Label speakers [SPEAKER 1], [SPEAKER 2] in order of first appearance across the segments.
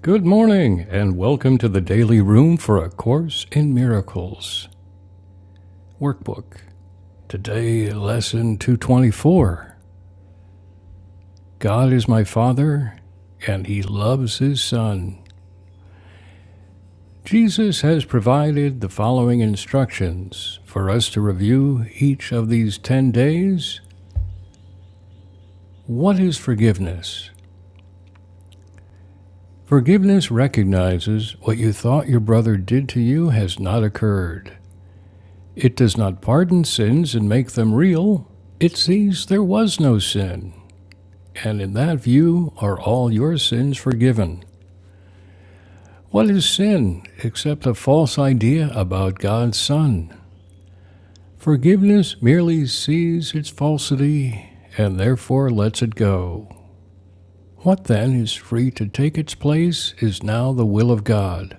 [SPEAKER 1] Good morning, and welcome to the Daily Room for A Course in Miracles Workbook. Today, Lesson 224 God is my Father, and He loves His Son. Jesus has provided the following instructions for us to review each of these 10 days. What is forgiveness? Forgiveness recognizes what you thought your brother did to you has not occurred. It does not pardon sins and make them real. It sees there was no sin, and in that view are all your sins forgiven. What is sin except a false idea about God's Son? Forgiveness merely sees its falsity and therefore lets it go. What then is free to take its place is now the will of God.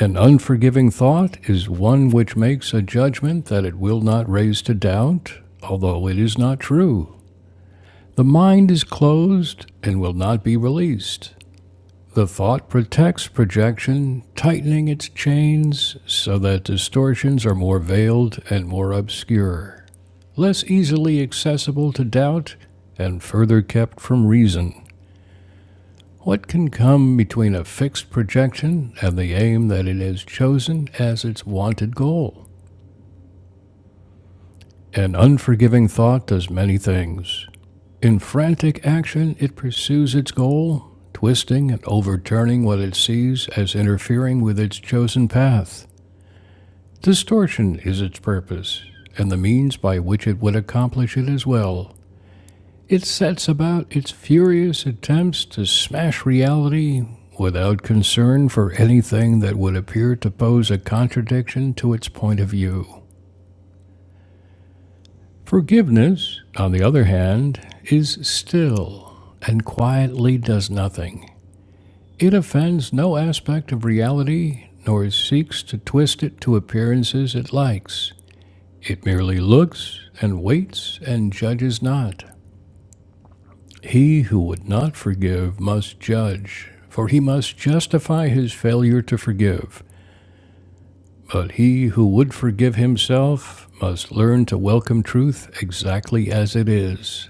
[SPEAKER 1] An unforgiving thought is one which makes a judgment that it will not raise to doubt, although it is not true. The mind is closed and will not be released. The thought protects projection, tightening its chains so that distortions are more veiled and more obscure, less easily accessible to doubt, and further kept from reason. What can come between a fixed projection and the aim that it has chosen as its wanted goal? An unforgiving thought does many things. In frantic action, it pursues its goal, twisting and overturning what it sees as interfering with its chosen path. Distortion is its purpose, and the means by which it would accomplish it as well. It sets about its furious attempts to smash reality without concern for anything that would appear to pose a contradiction to its point of view. Forgiveness, on the other hand, is still and quietly does nothing. It offends no aspect of reality, nor seeks to twist it to appearances it likes. It merely looks and waits and judges not. He who would not forgive must judge, for he must justify his failure to forgive. But he who would forgive himself must learn to welcome truth exactly as it is.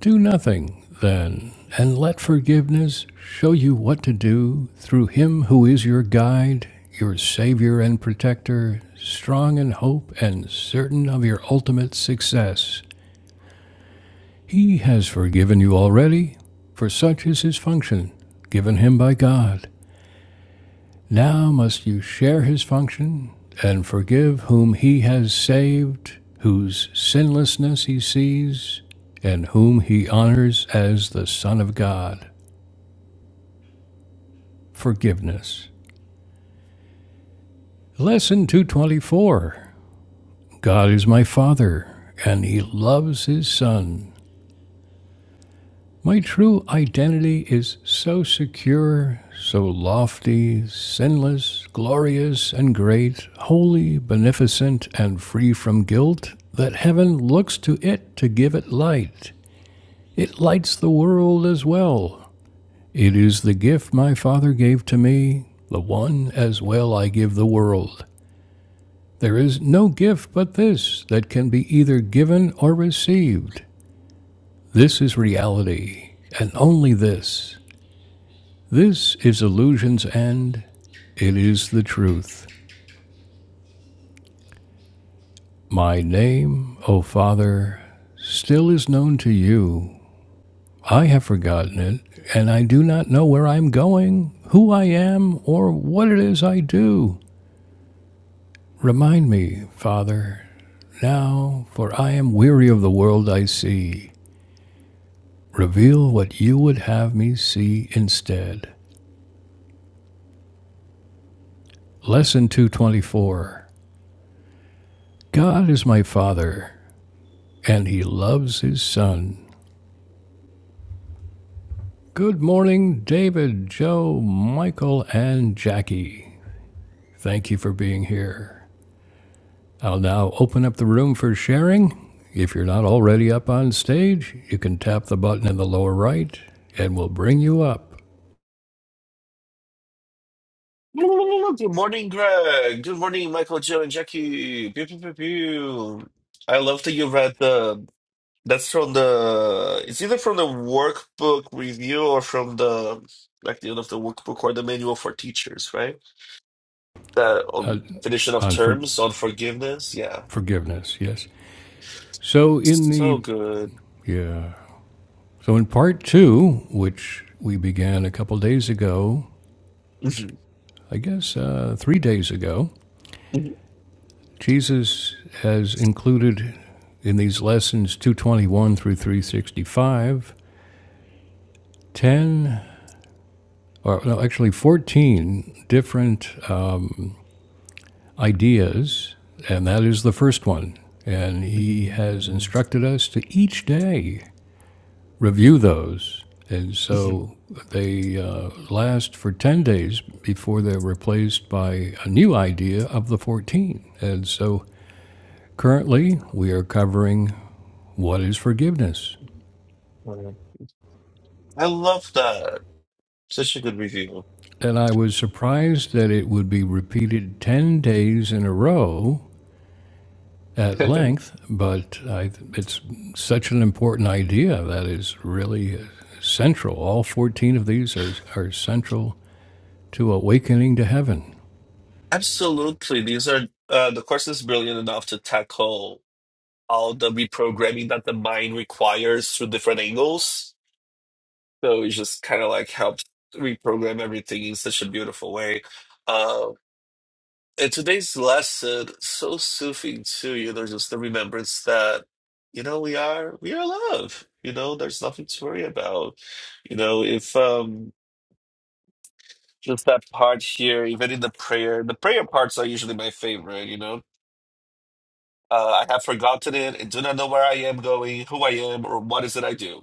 [SPEAKER 1] Do nothing, then, and let forgiveness show you what to do through Him who is your guide, your Savior and Protector, strong in hope and certain of your ultimate success. He has forgiven you already, for such is His function, given Him by God. Now must you share His function and forgive whom He has saved, whose sinlessness He sees, and whom He honors as the Son of God. Forgiveness. Lesson 224 God is my Father, and He loves His Son. My true identity is so secure, so lofty, sinless, glorious, and great, holy, beneficent, and free from guilt, that heaven looks to it to give it light. It lights the world as well. It is the gift my Father gave to me, the one as well I give the world. There is no gift but this that can be either given or received. This is reality, and only this. This is illusion's end. It is the truth. My name, O Father, still is known to you. I have forgotten it, and I do not know where I am going, who I am, or what it is I do. Remind me, Father, now, for I am weary of the world I see. Reveal what you would have me see instead. Lesson 224 God is my Father, and He loves His Son. Good morning, David, Joe, Michael, and Jackie. Thank you for being here. I'll now open up the room for sharing. If you're not already up on stage, you can tap the button in the lower right, and we'll bring you up
[SPEAKER 2] Good morning, Greg. Good morning, Michael, Joe, and Jackie. Pew, pew, pew, pew. I love that you read the. That's from the. It's either from the workbook review or from the like the end of the workbook or the manual for teachers, right? The
[SPEAKER 1] uh,
[SPEAKER 2] um, definition of
[SPEAKER 1] on for-
[SPEAKER 2] terms on forgiveness. Yeah,
[SPEAKER 1] forgiveness. Yes. So in
[SPEAKER 2] so
[SPEAKER 1] the
[SPEAKER 2] good.
[SPEAKER 1] yeah So, in part two, which we began a couple days ago,
[SPEAKER 2] Mhm.
[SPEAKER 1] I guess uh, three days ago, Jesus has included in these lessons 221 through 365 10, or no, actually 14 different uh, ideas, and that is the first one. And he has
[SPEAKER 2] Mhm.
[SPEAKER 1] instructed us to each day review those. And
[SPEAKER 2] Mhm.
[SPEAKER 1] so they uh, last for 10 days before they're replaced by a new idea of the 14. And so currently we are covering what is forgiveness.
[SPEAKER 2] Mm. I love that. Such a good review.
[SPEAKER 1] And I was surprised that it would be repeated 10 days in a row at length, but I, it's such an important idea that is really uh, central. All 14 of these are, are central to awakening to heaven.
[SPEAKER 2] Absolutely. These are uh, the course is brilliant enough to tackle all the reprogramming that the mind requires through different angles. So it just kind of like helps reprogram everything in such a beautiful way. Um, In today's lesson, so soothing to you, there's just the remembrance that, you know, we are we are love. You know, there's nothing to worry about. You know, if um just that part here, even in the prayer, the prayer parts are usually my favorite, you know. Uh, I have forgotten it and do not know where I am going, who I am, or what is it I do.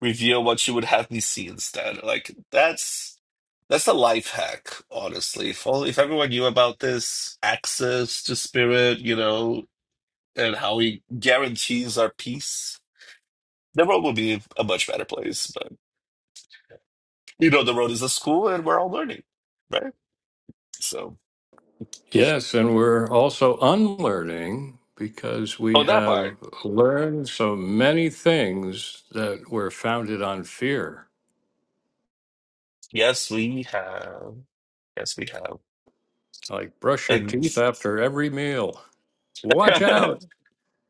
[SPEAKER 2] Reveal what you would have me see instead. Like that's that's a life hack, honestly. If all if everyone knew about this access to spirit, you know, and how he guarantees our peace, the world will be a much better place. But you know, the road is a school, and we're all learning, right? So
[SPEAKER 1] Yes, and we're also unlearning because we
[SPEAKER 2] on that part,
[SPEAKER 1] have learned so many things that were founded on fear,
[SPEAKER 2] yes, we have, yes, we have,
[SPEAKER 1] like brush your
[SPEAKER 2] and
[SPEAKER 1] teeth after every meal. Watch out.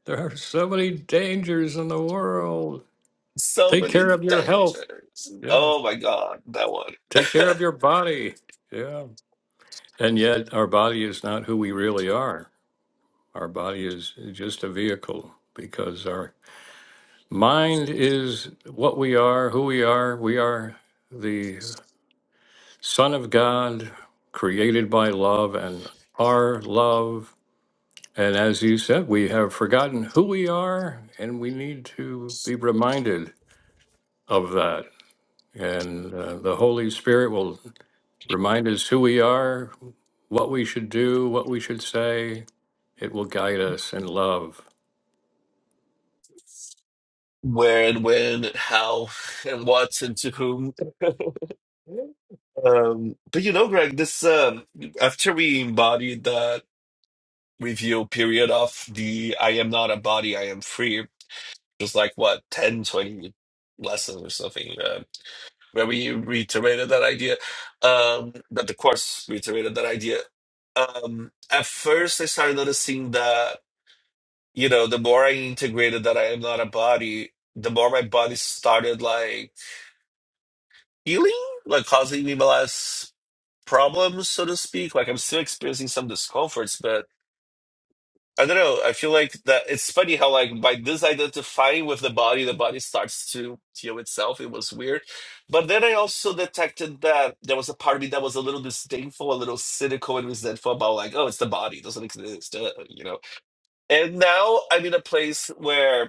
[SPEAKER 1] There are so many dangers in the world.
[SPEAKER 2] so
[SPEAKER 1] Take care
[SPEAKER 2] many
[SPEAKER 1] of your health.
[SPEAKER 2] dangers.
[SPEAKER 1] Yeah.
[SPEAKER 2] Oh my God, that one.
[SPEAKER 1] Take care of your body. Yeah. And yet, our body is not who we really are. Our body is just a vehicle because our Mind is what we are, who we are. We are the Son of God, created by love and are love. And as you said, we have forgotten who we are, and we need to be reminded of that. And uh, the Holy Spirit will remind us who we are, what we should do, what we should say. It will guide us in love.
[SPEAKER 2] Where and when and how and what and to whom. Um, but you know, Greg, this um, after we embodied that review period of the I am not a body, I am free. just like what 10, 20 lessons or something uh, where we reiterated that idea um that the course reiterated that idea um at first i started noticing that you know the more i integrated that i am not a body the more my body started like healing like causing me less problems so to speak like i'm still experiencing some discomforts but. I don't know. I feel like that it's funny how like by disidentifying with the body, the body starts to heal itself. It was weird. But then I also detected that there was a part of me that was a little disdainful, a little cynical and resentful about like, oh, it's the body, it doesn't exist, uh, you know. And now I'm in a place where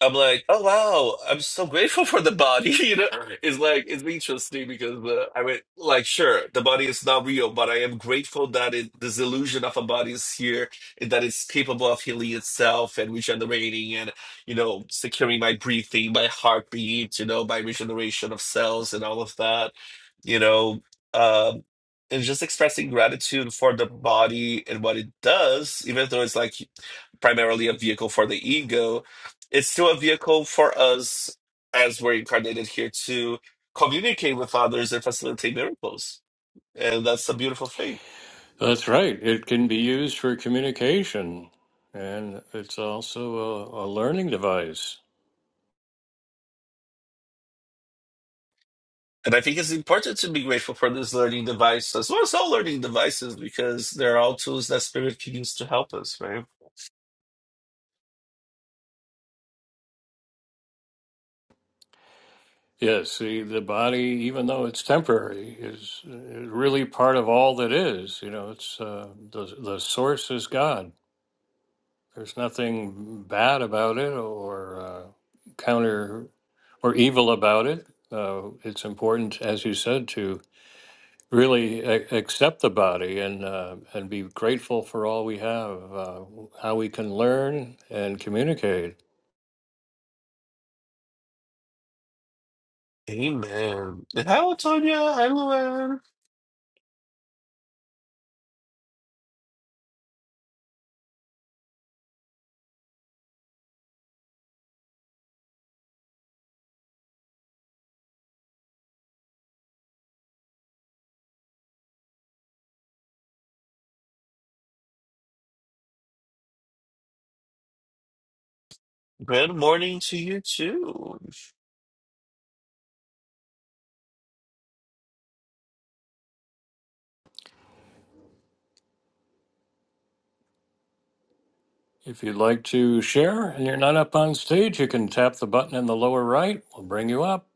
[SPEAKER 2] I'm like, oh wow, I'm so grateful for the body. You know, it's like it's interesting because uh, I mean, like, sure, the body is not real, but I am grateful that it, this illusion of a body is here, and that it's capable of healing itself and regenerating, and you know, securing my breathing, my heartbeat, you know, my regeneration of cells and all of that. You know, um, and just expressing gratitude for the body and what it does, even though it's like primarily a vehicle for the ego, it's still a vehicle for us as we're incarnated here to communicate with others and facilitate miracles. And that's a beautiful thing.
[SPEAKER 1] That's right. It can be used for communication, and it's also a, a learning device.
[SPEAKER 2] And I think it's important to be grateful for this learning device as well as all learning devices because they're all tools that spirit can use to help us, right?
[SPEAKER 1] Yes, see, the body, even though it's temporary, is, is really part of all that is. You know, it's uh, the the source is God. There's nothing bad about it or uh, counter or evil about it. Uh, it's important, as you said, to. really a- accept the body and uh, and be grateful for all we have, uh, how we can learn and communicate.
[SPEAKER 2] Amen. And Hello, Tonya. Hello, Anne. Good morning to you too.
[SPEAKER 1] If you'd like to share and you're not up on stage, you can tap the button in the lower right. We'll bring you up.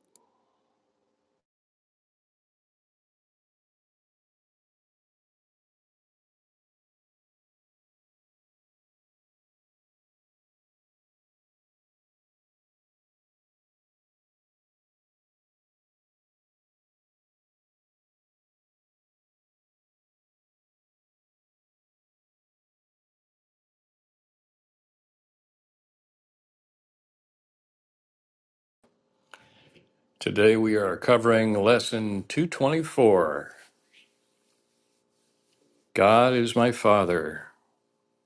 [SPEAKER 1] Today we are covering lesson 224. God is my father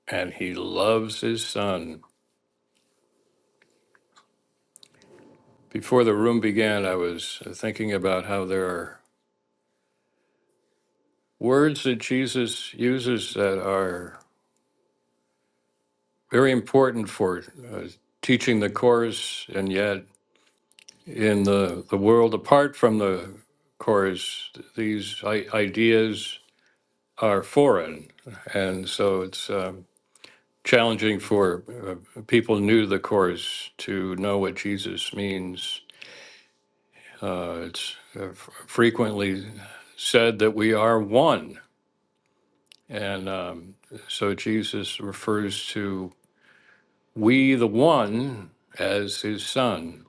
[SPEAKER 1] and he loves his son. Before the room began, I was thinking about how there are words that Jesus uses that are very important for uh, teaching the course, and yet in the, the world apart from the course, these I- ideas are foreign, and so it's um, challenging for uh, people new to the course to know what Jesus means. Uh, it's uh, f- frequently said that we are one, and um, so Jesus refers to we the one as his son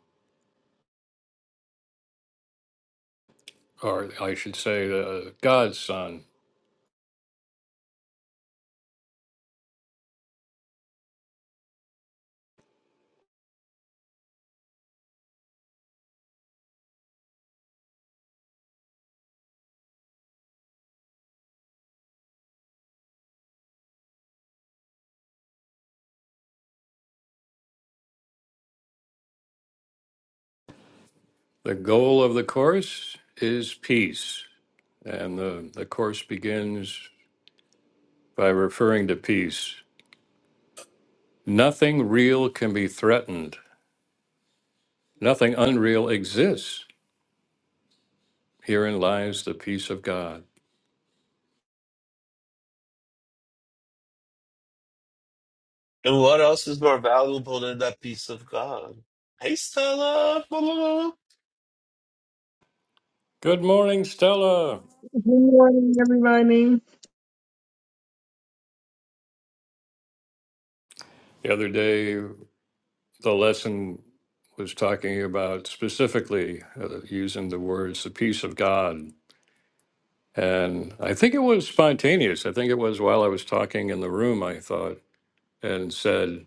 [SPEAKER 1] or I should say, uh, God's Son. The goal of the Course is peace. And the, the Course begins by referring to peace. Nothing real can be threatened, nothing unreal exists. Herein lies the peace of God.
[SPEAKER 2] And what else is more valuable than that piece of God? Hey, Stella. blah, blah,
[SPEAKER 1] Good morning, Stella.
[SPEAKER 3] Good morning, everybody.
[SPEAKER 1] The other day, the lesson was talking about specifically uh, using the words the peace of God And I think it was spontaneous. I think it was while I was talking in the room, I thought, and said,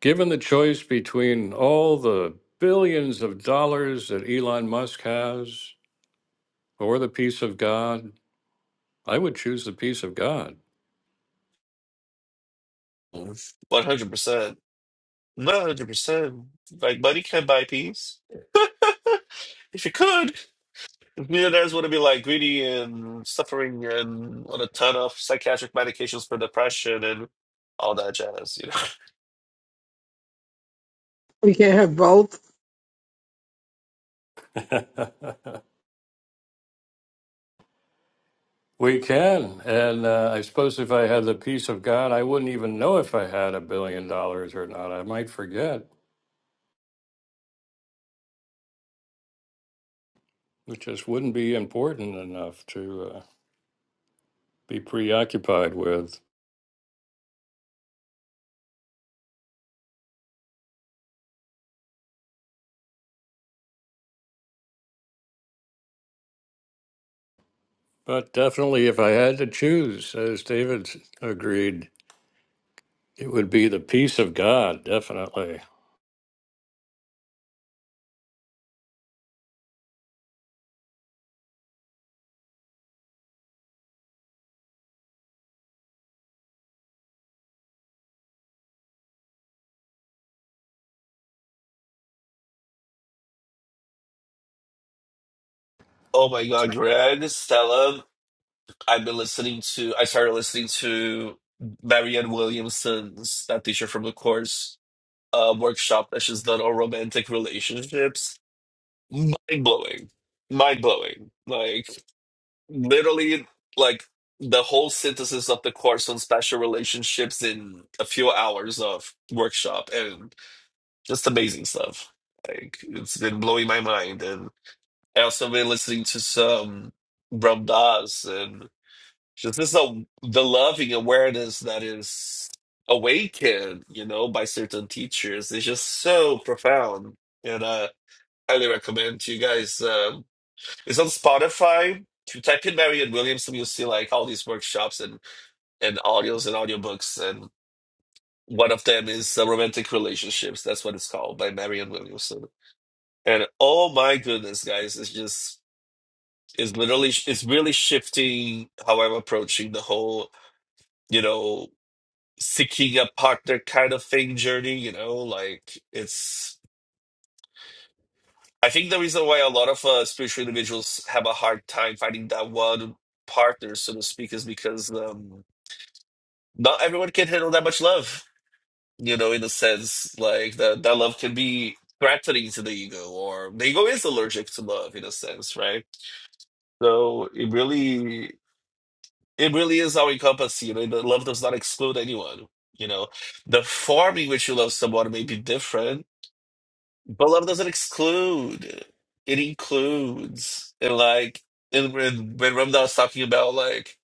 [SPEAKER 1] given the choice between all the billions of dollars that Elon Musk has or the peace of God, I would choose the peace of God.
[SPEAKER 2] blah. 100%. Not 100%. Like, money can't buy peace. If you could, if millionaires wouldn't be like greedy and suffering and on a ton of psychiatric medications for depression and all that jazz, you know?
[SPEAKER 3] We can not have both.
[SPEAKER 1] we can. And uh, I suppose if I had the peace of God, I wouldn't even know if I had a billion dollars or not. I might forget. It just wouldn't be important enough to uh, be preoccupied with. But definitely, if I had to choose, as David s- agreed, it would be the peace of God, definitely.
[SPEAKER 2] Oh my God, Greg, Stella. I've been listening to, I started listening to Marianne Williamson's, that teacher from the course. uh, workshop that she's done on romantic relationships. Mind blowing. Mind blowing. Like, literally, like the whole synthesis of the course on special relationships in a few hours of workshop and just amazing stuff. Like, it's been blowing my mind. And I also been listening to some Ram Dass and just this a the loving awareness that is awakened, you know, by certain teachers is just so profound. And uh highly recommend to you guys. Um it's on Spotify. If you type in Marianne Williamson, you'll see like all these workshops and and audios and audiobooks and one of them is uh, Romantic Relationships. That's what it's called by Marianne Williamson. And oh my goodness, guys, it's just it's literally it's really shifting how I'm approaching the whole you know seeking a partner kind of thing journey you know like it's i think the reason why a lot of uh, spiritual individuals have a hard time finding that one partner so to speak is because um not everyone can handle that much love you know in a sense like that that love can be threatening to the ego or the ego is allergic to love in a sense right so it really it really is all encompassing you know the love does not exclude anyone you know the form in which you love someone may be different But love doesn't exclude. It includes. And like and when when Ramda was talking about like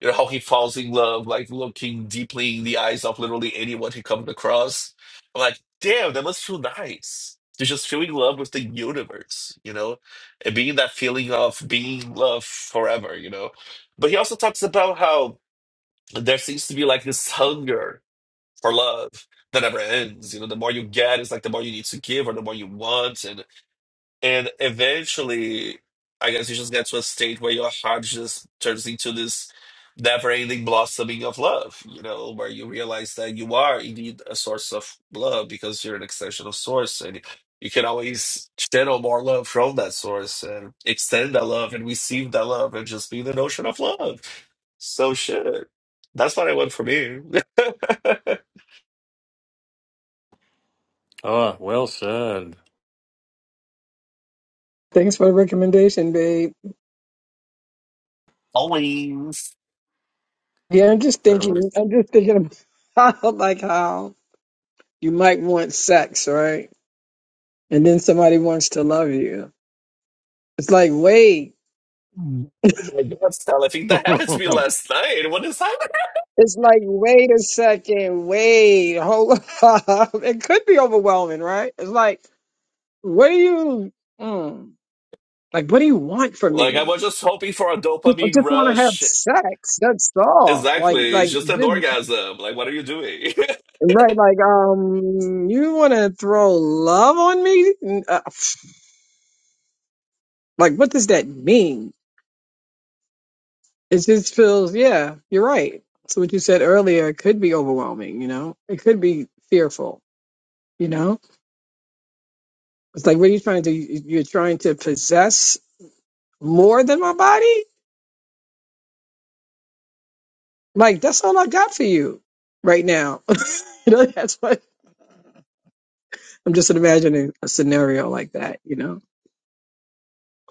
[SPEAKER 2] you know how he falls in love, like looking deeply in the eyes of literally anyone he comes across. I'm like, damn, that must feel nice. To just feel in love with the universe, you know? And being that feeling of being in love forever, you know. But he also talks about how there seems to be like this hunger for love that never ends. You know, the more you get, it's like the more you need to give or the more you want. and and eventually, I guess you just get to a state where your heart just turns into this never-ending blossoming of love, you know, where you realize that you are indeed a source of love because you're an extension of source and you can always channel more love from that source and extend that love and receive that love and just be in the notion of love. So shit. That's what I want for me.
[SPEAKER 1] Ah, well said.
[SPEAKER 3] Thanks for the recommendation, babe.
[SPEAKER 2] Always.
[SPEAKER 3] Yeah, I'm just
[SPEAKER 1] I, re-
[SPEAKER 3] thinking. I'm just thinking about like how you might want sex, right? And then somebody wants to love you. It's like wait.
[SPEAKER 2] Oh my God, Stella, I think that happened to me last night. What is
[SPEAKER 3] It's like wait a second. Wait, hold up. It could be overwhelming, right? It's like what do you mm, like? What do you want from
[SPEAKER 2] Like I
[SPEAKER 3] me?
[SPEAKER 2] was just hoping for a
[SPEAKER 3] Just- I
[SPEAKER 2] dopamine
[SPEAKER 3] just want to have
[SPEAKER 2] rush.
[SPEAKER 3] sex. That's all. Like,
[SPEAKER 2] Exactly. It's
[SPEAKER 3] like
[SPEAKER 2] just an
[SPEAKER 3] just.
[SPEAKER 2] orgasm. Like what are you doing?
[SPEAKER 3] Right, like, um, you want to throw love on me? N- uh, pff, Like, what does that mean? It just feels, yeah, you're right. So what you said earlier could be overwhelming, you know? It could be fearful, you know? It's like, what are you trying to do? You- You're trying to possess more than my body? Like, that's all I got for you right now. You know, that's what I'm just imagining a scenario like that, you know?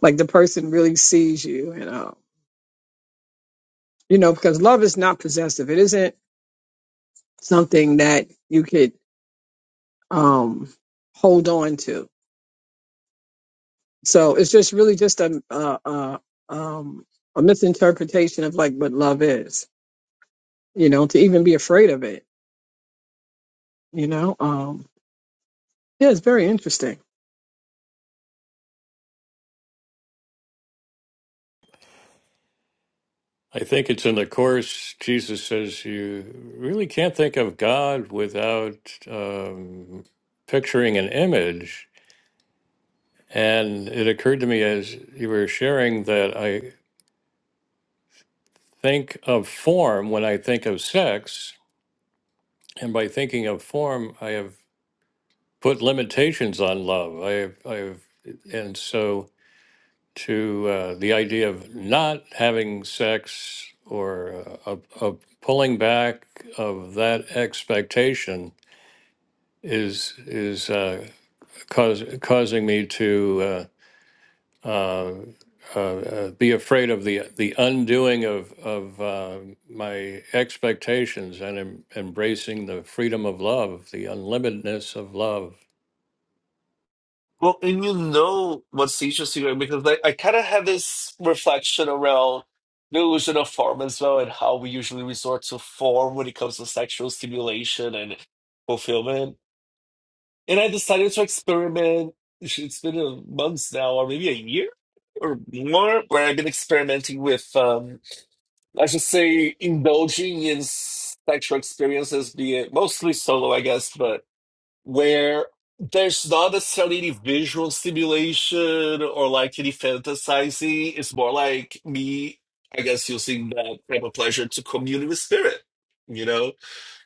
[SPEAKER 3] Like the person really sees you, you know? You know, because love is not possessive. It isn't something that you could um, hold on to. So it's just really just a a, a, um, a misinterpretation of like what love is, you know, to even be afraid of it, you know. Um, yeah, it's very interesting.
[SPEAKER 1] I think it's in the Course, Jesus says you really can't think of God without um, picturing an image. And it occurred to me as you were sharing that I think of form when I think of sex. And by thinking of form, I have put limitations on love. I've, I've, and so to uh, the idea of not having sex or uh, of of pulling back of that expectation is is uh, cause, causing me to uh, uh, uh, uh, be afraid of the the undoing of of uh, my expectations and em- embracing the freedom of love, the unlimitedness of love.
[SPEAKER 2] Well, and you know what's interesting, right? Because like I kind of had this reflection around the illusion of form as well and how we usually resort to form when it comes to sexual stimulation and fulfillment. And I decided to experiment. It's been a months now, or maybe a year or more, where I've been experimenting with um let's just say indulging in sexual experiences, be it mostly solo, I guess, but where there's not necessarily any visual stimulation or like any fantasizing. It's more like me, I guess, using that type of pleasure to commune with spirit, you know?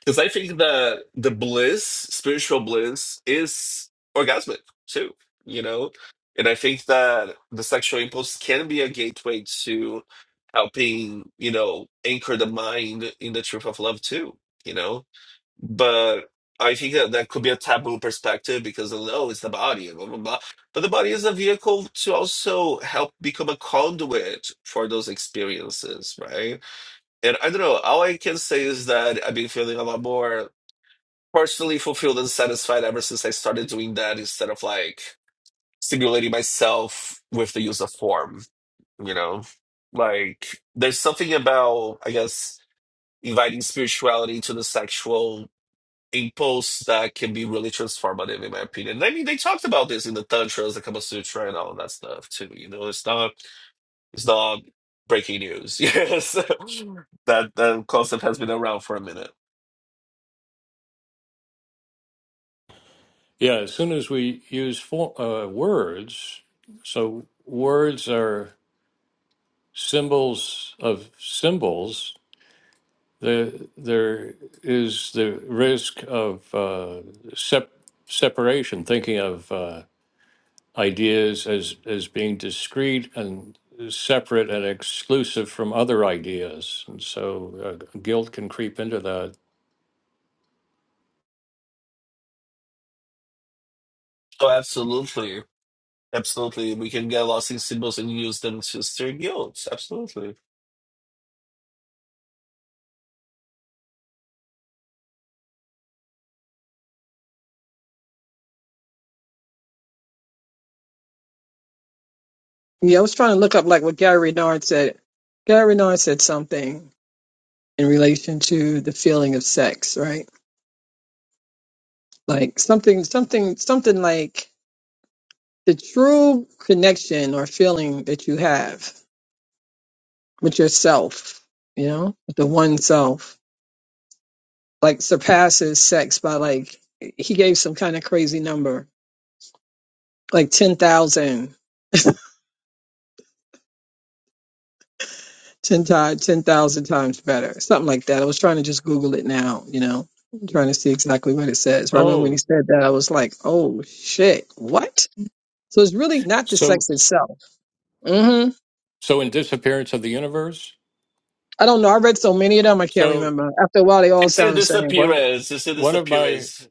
[SPEAKER 2] Because I think the the bliss, spiritual bliss, is orgasmic too, you know? And I think that the sexual impulse can be a gateway to helping, you know, anchor the mind in the truth of love too, you know? But I think that that could be a taboo perspective because, oh, no, it's the body, blah, blah, blah. But the body is a vehicle to also help become a conduit for those experiences, right? And I don't know, all I can say is that I've been feeling a lot more personally fulfilled and satisfied ever since I started doing that instead of like stimulating myself with the use of form, you know? Like there's something about, I guess, inviting spirituality to the sexual impulse that can be really transformative in my opinion. I mean they talked about this in the Tantras, the Kama Sutra and all that stuff too. You know, it's not it's not breaking news. Yes. that that concept has been around for a minute.
[SPEAKER 1] Yeah, as soon as we use for, uh, words, so words are symbols of symbols. There, there is the risk of uh, sep- separation, thinking of uh, ideas as as being discrete and separate and exclusive from other ideas, and so uh, guilt can creep into that.
[SPEAKER 2] Oh absolutely. Absolutely, we can get lost in symbols and use them to steer guilds. Absolutely.
[SPEAKER 3] Yeah, I was trying to look up like what Gary Renard said. Gary Renard said something in relation to the feeling of sex, right? Like something, something, something like the true connection or feeling that you have with yourself, you know, with the one self, like surpasses sex by like, he gave some kind of crazy number, like ten thousand, ten 10 times, 10,000 times better, something like that. I was trying to just Google it now, you know, I'm trying to see exactly what it says. But I remember when he
[SPEAKER 1] Oh,
[SPEAKER 3] said that, I was like, oh shit, what? So it's really not the
[SPEAKER 1] so
[SPEAKER 3] sex itself. hmm
[SPEAKER 1] so in disappearance of the universe.
[SPEAKER 3] I don't know. I read so many of them, I can't
[SPEAKER 1] So
[SPEAKER 3] remember. After a while, they all
[SPEAKER 2] and It is
[SPEAKER 3] sound the same.
[SPEAKER 1] one of
[SPEAKER 2] disappearance. It's a
[SPEAKER 1] one of my
[SPEAKER 2] disappearance.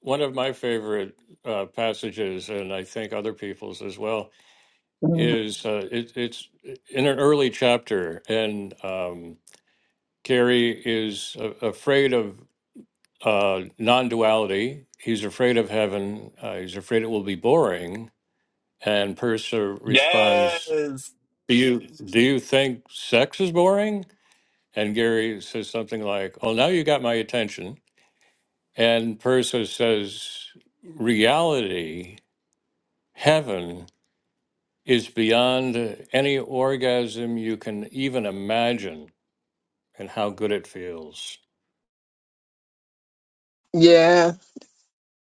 [SPEAKER 1] One of my favorite uh, passages, and I think other people's as well,
[SPEAKER 3] Mhm.
[SPEAKER 1] is uh, it, it's in an early chapter, and um, Gary is a afraid of uh, non duality. He's afraid of heaven. Uh, he's afraid it will be boring. And Purser responds,
[SPEAKER 2] Yes.
[SPEAKER 1] do you, do you think sex is boring? And Gary says something like, Oh, now you got my attention. And Purser says, Reality, heaven, is beyond any orgasm you can even imagine and how good it feels
[SPEAKER 3] Yeah.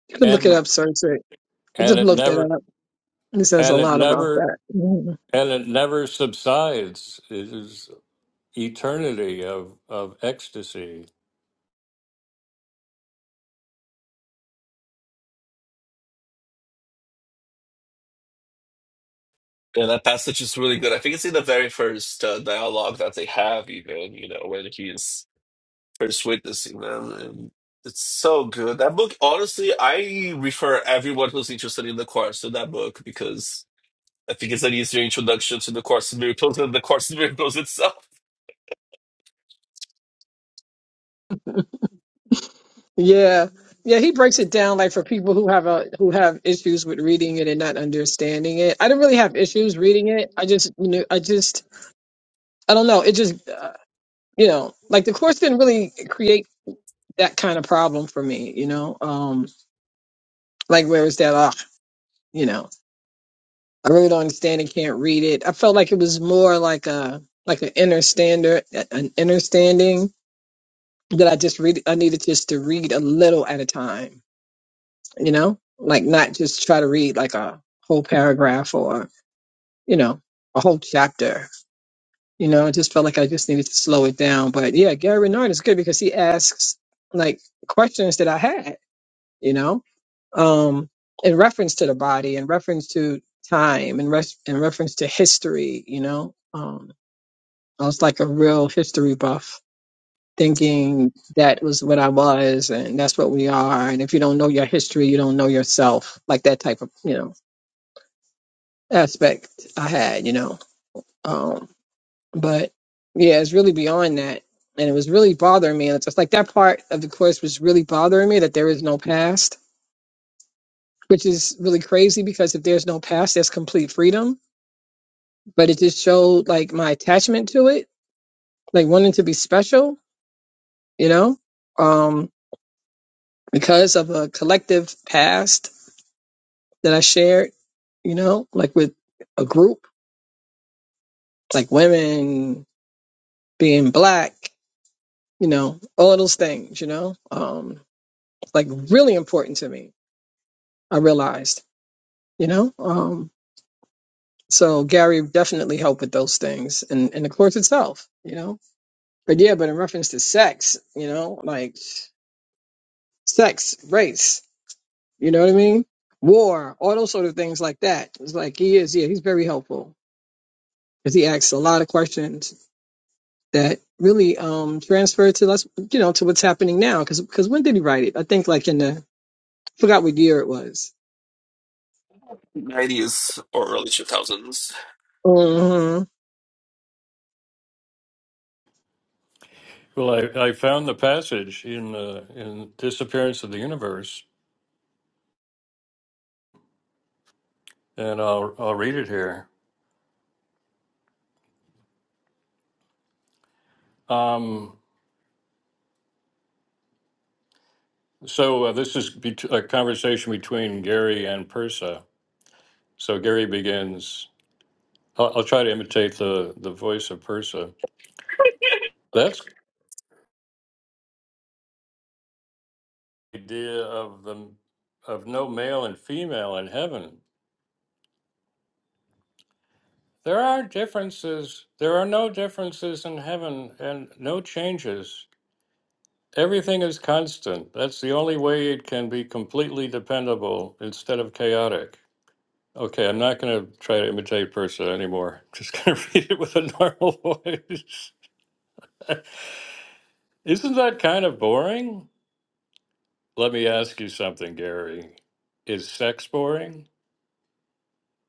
[SPEAKER 3] You can look it
[SPEAKER 1] and
[SPEAKER 3] up, search it. I
[SPEAKER 1] and
[SPEAKER 3] just
[SPEAKER 1] it
[SPEAKER 3] looked it up.
[SPEAKER 1] never
[SPEAKER 3] He says a
[SPEAKER 1] and it
[SPEAKER 3] lot about
[SPEAKER 1] never
[SPEAKER 3] that. Mhm.
[SPEAKER 1] and it never subsides it is eternity of of ecstasy
[SPEAKER 2] Yeah, that passage is really good. I think it's in the very first uh, dialogue that they have, even, you know, when he is first witnessing them. And it's so good. That book, honestly, I refer everyone who's interested in the course to that book because I think it's an easier introduction to the Course in Miracles than the Course in Miracles itself.
[SPEAKER 3] Yeah. Yeah, he breaks it down like for people who have a who have issues with reading it and not understanding it. I didn't really have issues reading it. I just you know, I just I don't know. It just uh, you know, like the course didn't really create that kind of problem for me, you know. Um like where is that ah, you know. I really don't understand and can't read it. I felt like it was more like a like an inner standard an inner standing that I just read I needed just to read a little at a time you know, like not just try to read like a whole paragraph or, you know, a whole chapter. You know, I just felt like I just needed to slow it down. But yeah, Gary Renard is good because he asks like questions that I had, you know, um, in reference to the body, in reference to time, in, res- in reference to history, you know. Um, I was like a real history buff, thinking that was what I was and that's what we are. And if you don't know your history, you don't know yourself, like that type of, you know aspect I had, you know. Um, but yeah, it's really beyond that. And it was really bothering me. And it's just like that part of the course was really bothering me that there is no past, which is really crazy because if there's no past, there's complete freedom. But it just showed like my attachment to it, like wanting to be special, you know, um, because of a collective past that I shared, you know, like with a group, like women being black you know, all of those things, you know, um, like really important to me. I realized, you know, um, so Gary definitely helped with those things and, and the course itself, you know, but yeah, but in reference to sex, you know, like sex, race, you know what I mean? War, all those sort of things like that. It's like he is, yeah, he's very helpful because he asks a lot of questions that really um transfer to us, you know, to what's happening now. Because because when did he write it? I think like in the I forgot what year it was
[SPEAKER 2] 90s or early 2000s.
[SPEAKER 3] hmm
[SPEAKER 1] well i, I found the passage in uh, in disappearance of the universe and i'll i'll read it here um so uh, this is bet- a conversation between gary and persa so gary begins I'll, I'll try to imitate the, the voice of Persa. That's the idea of the of no male and female in heaven. There are differences. There are no differences in heaven and no changes. Everything is constant. That's the only way it can be completely dependable instead of chaotic. Okay, I'm not going to try to imitate Persa anymore. just going to read it with a normal voice. Isn't that kind of boring? Let me ask you something, Gary. Is sex boring?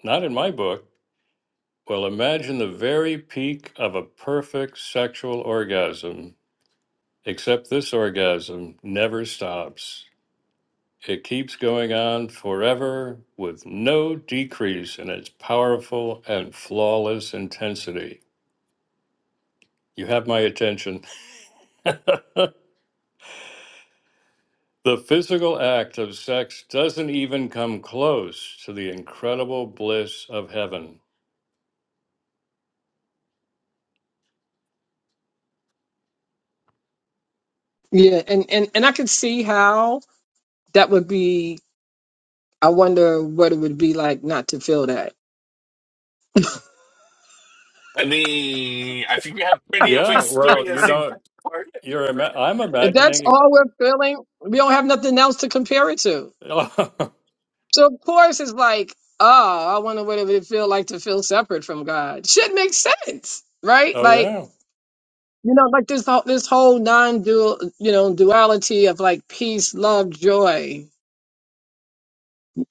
[SPEAKER 1] Not in my book. Well, imagine the very peak of a perfect sexual orgasm, except this orgasm never stops. It keeps going on forever with no decrease in its powerful and flawless intensity. You have my attention. the physical act of sex doesn't even come close to the incredible bliss of heaven.
[SPEAKER 3] Yeah, and and and I could see how that would be. I wonder what it would be like not to feel that.
[SPEAKER 2] I mean, I think we have plenty of
[SPEAKER 1] Yeah, well, you
[SPEAKER 2] experience in
[SPEAKER 1] know,
[SPEAKER 2] that part.
[SPEAKER 1] you're ima- I'm
[SPEAKER 3] If that's
[SPEAKER 1] imagining.
[SPEAKER 3] all we're feeling, we don't have nothing else to compare it to. So of course it's like, oh, I wonder what it would feel like to feel separate from God. Should make sense, right?
[SPEAKER 1] Oh,
[SPEAKER 3] Like
[SPEAKER 1] yeah.
[SPEAKER 3] you know, like this whole this whole non-dual, you know, duality of like peace, love, joy.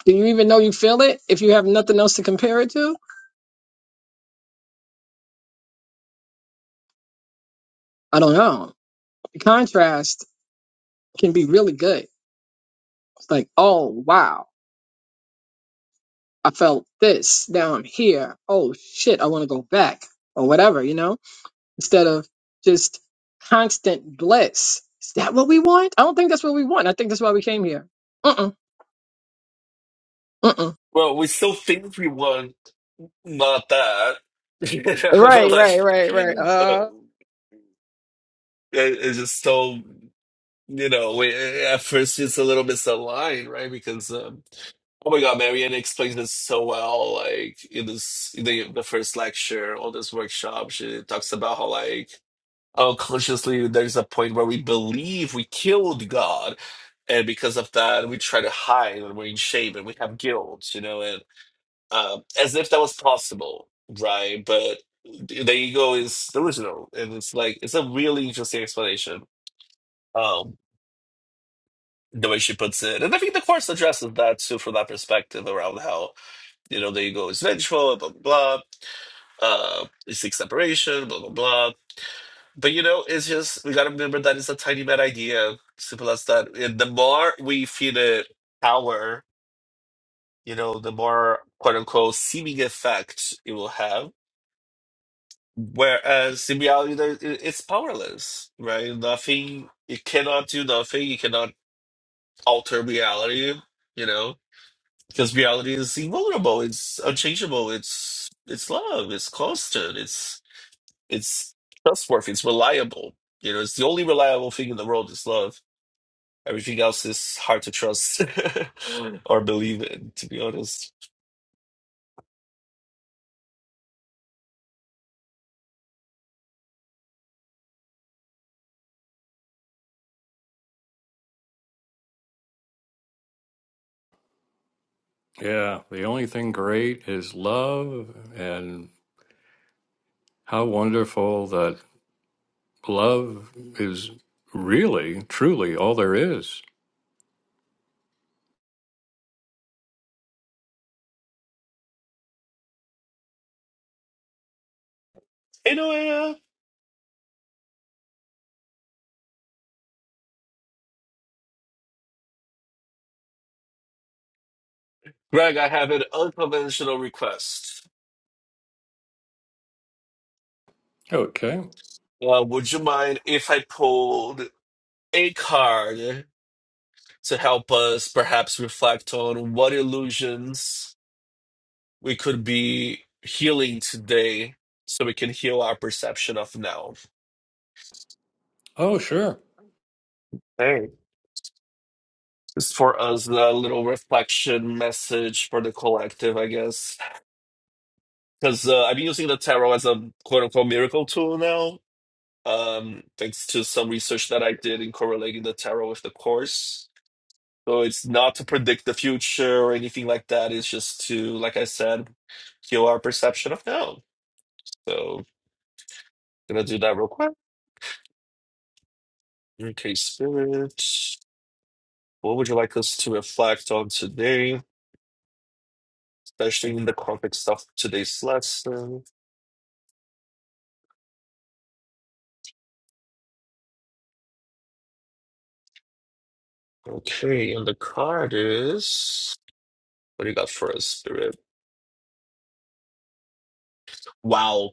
[SPEAKER 3] Do you even know you feel it if you have nothing else to compare it to? I don't know. Contrast can be really good. It's like, oh wow, I felt this. Now I'm here. Oh shit, I want to go back or whatever, you know. Instead of just constant bliss. Is that what we want? I don't think that's what we want. I think that's why we came here. Mm mm mm mm.
[SPEAKER 2] Well, we still think we want not that. You know,
[SPEAKER 3] Right,
[SPEAKER 2] like,
[SPEAKER 3] right, right,
[SPEAKER 2] uh,
[SPEAKER 3] right.
[SPEAKER 2] it- it's just so, you know, we, at first it's a little misaligned, right? Because, um, oh my God, Marianne explains this so well. Like, in this, in the, the first lecture, all this workshop, she talks about how, like, Oh, consciously, there's a point where we believe we killed God, and because of that, we try to hide and we're in shame and we have guilt, you know, and um, as if that was possible, right? But the ego is delusional, and it's like it's a really interesting explanation, um, the way she puts it, and I think the course addresses that too from that perspective around how you know the ego is vengeful, blah blah blah, uh, it seeks separation, blah blah blah But you know, it's just we gotta remember that it's a tiny man idea, simple as that. And the more we feed it power, you know, the more quote unquote seeming effect it will have. Whereas in reality, there- it- it's powerless, right? Nothing, it cannot do nothing. You cannot alter reality, you know, because reality is invulnerable. It's unchangeable. It's it's love. It's constant. It's it's trustworthy. It's reliable. You know, it's the only reliable thing in the world is love Everything else is hard to trust or believe in, to be honest.
[SPEAKER 1] Yeah, the only thing great is love, and how wonderful that love is really, truly all there is.
[SPEAKER 2] Anyway, uh, Greg, I have an unconventional request.
[SPEAKER 1] Okay.
[SPEAKER 2] Uh, would you mind if I pulled a card to help us perhaps reflect on what illusions we could be healing today so we can heal our perception of now?
[SPEAKER 1] Oh, sure.
[SPEAKER 2] Hey. Just for us, a little reflection message for the collective, I guess. because uh, I've been using the tarot as a quote unquote miracle tool now, um, thanks to some research that I did in correlating the tarot with the course. So it's not to predict the future or anything like that. It's just to, like I said, heal our perception of now. So gonna do that real quick. Okay, spirit. What would you like us to reflect on today, especially in the context of today's lesson? Okay, and the card is what do you got for us, spirit? Wow,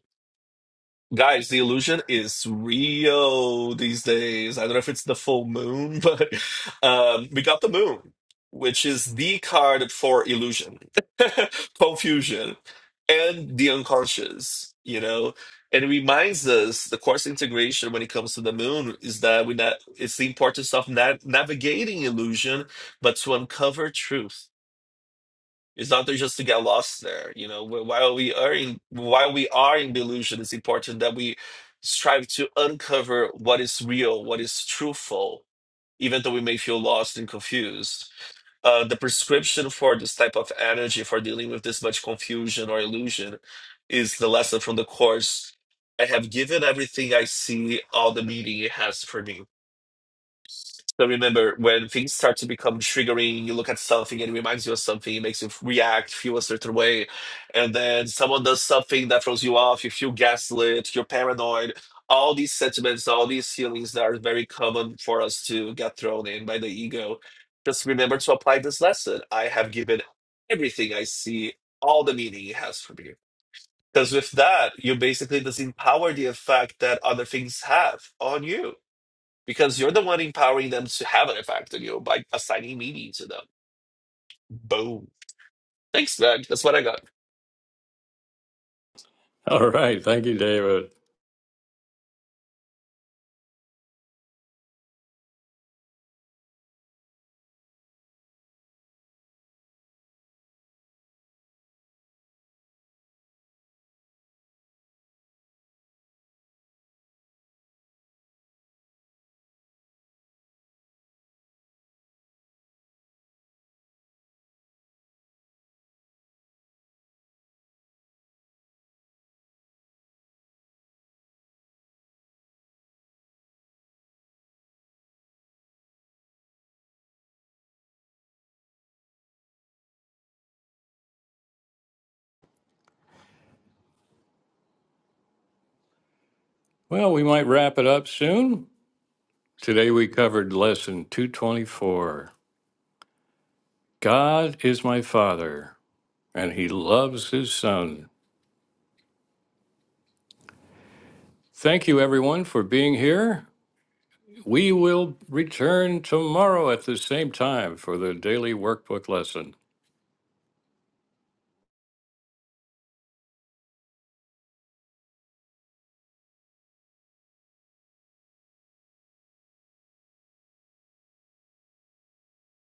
[SPEAKER 2] Guys, the illusion is real these days. I don't know if it's the full moon, but um, we got the moon, which is the card for illusion, confusion, and the unconscious, you know? And it reminds us the course integration when it comes to the moon is that we na it's the importance of na navigating illusion, but to uncover truth it's not just to get lost there. You know, Wh- while we are in while we are in delusion, it's important that we strive to uncover what is real, what is truthful, even though we may feel lost and confused. Uh, the prescription for this type of energy for dealing with this much confusion or illusion is the lesson from the course. I have given everything I see, all the meaning it has for me so remember, when things start to become triggering, you look at something and it reminds you of something, it makes you react, feel a certain way. And then someone does something that throws you off, you feel gaslit, you're paranoid. All these sentiments, all these feelings that are very common for us to get thrown in by the ego. Just remember to apply this lesson. I have given everything I see, all the meaning it has for me. Because with that, you basically disempower the effect that other things have on you because you're the one empowering them to have an effect on you by assigning meaning to them. Boom. Thanks, man. That's what I got.
[SPEAKER 1] All right. Thank you, David. Well, we might wrap it up soon. Today we covered lesson 224 God is my Father, and He loves His Son. Thank you, everyone, for being here. We will return tomorrow at the same time for the daily workbook lesson.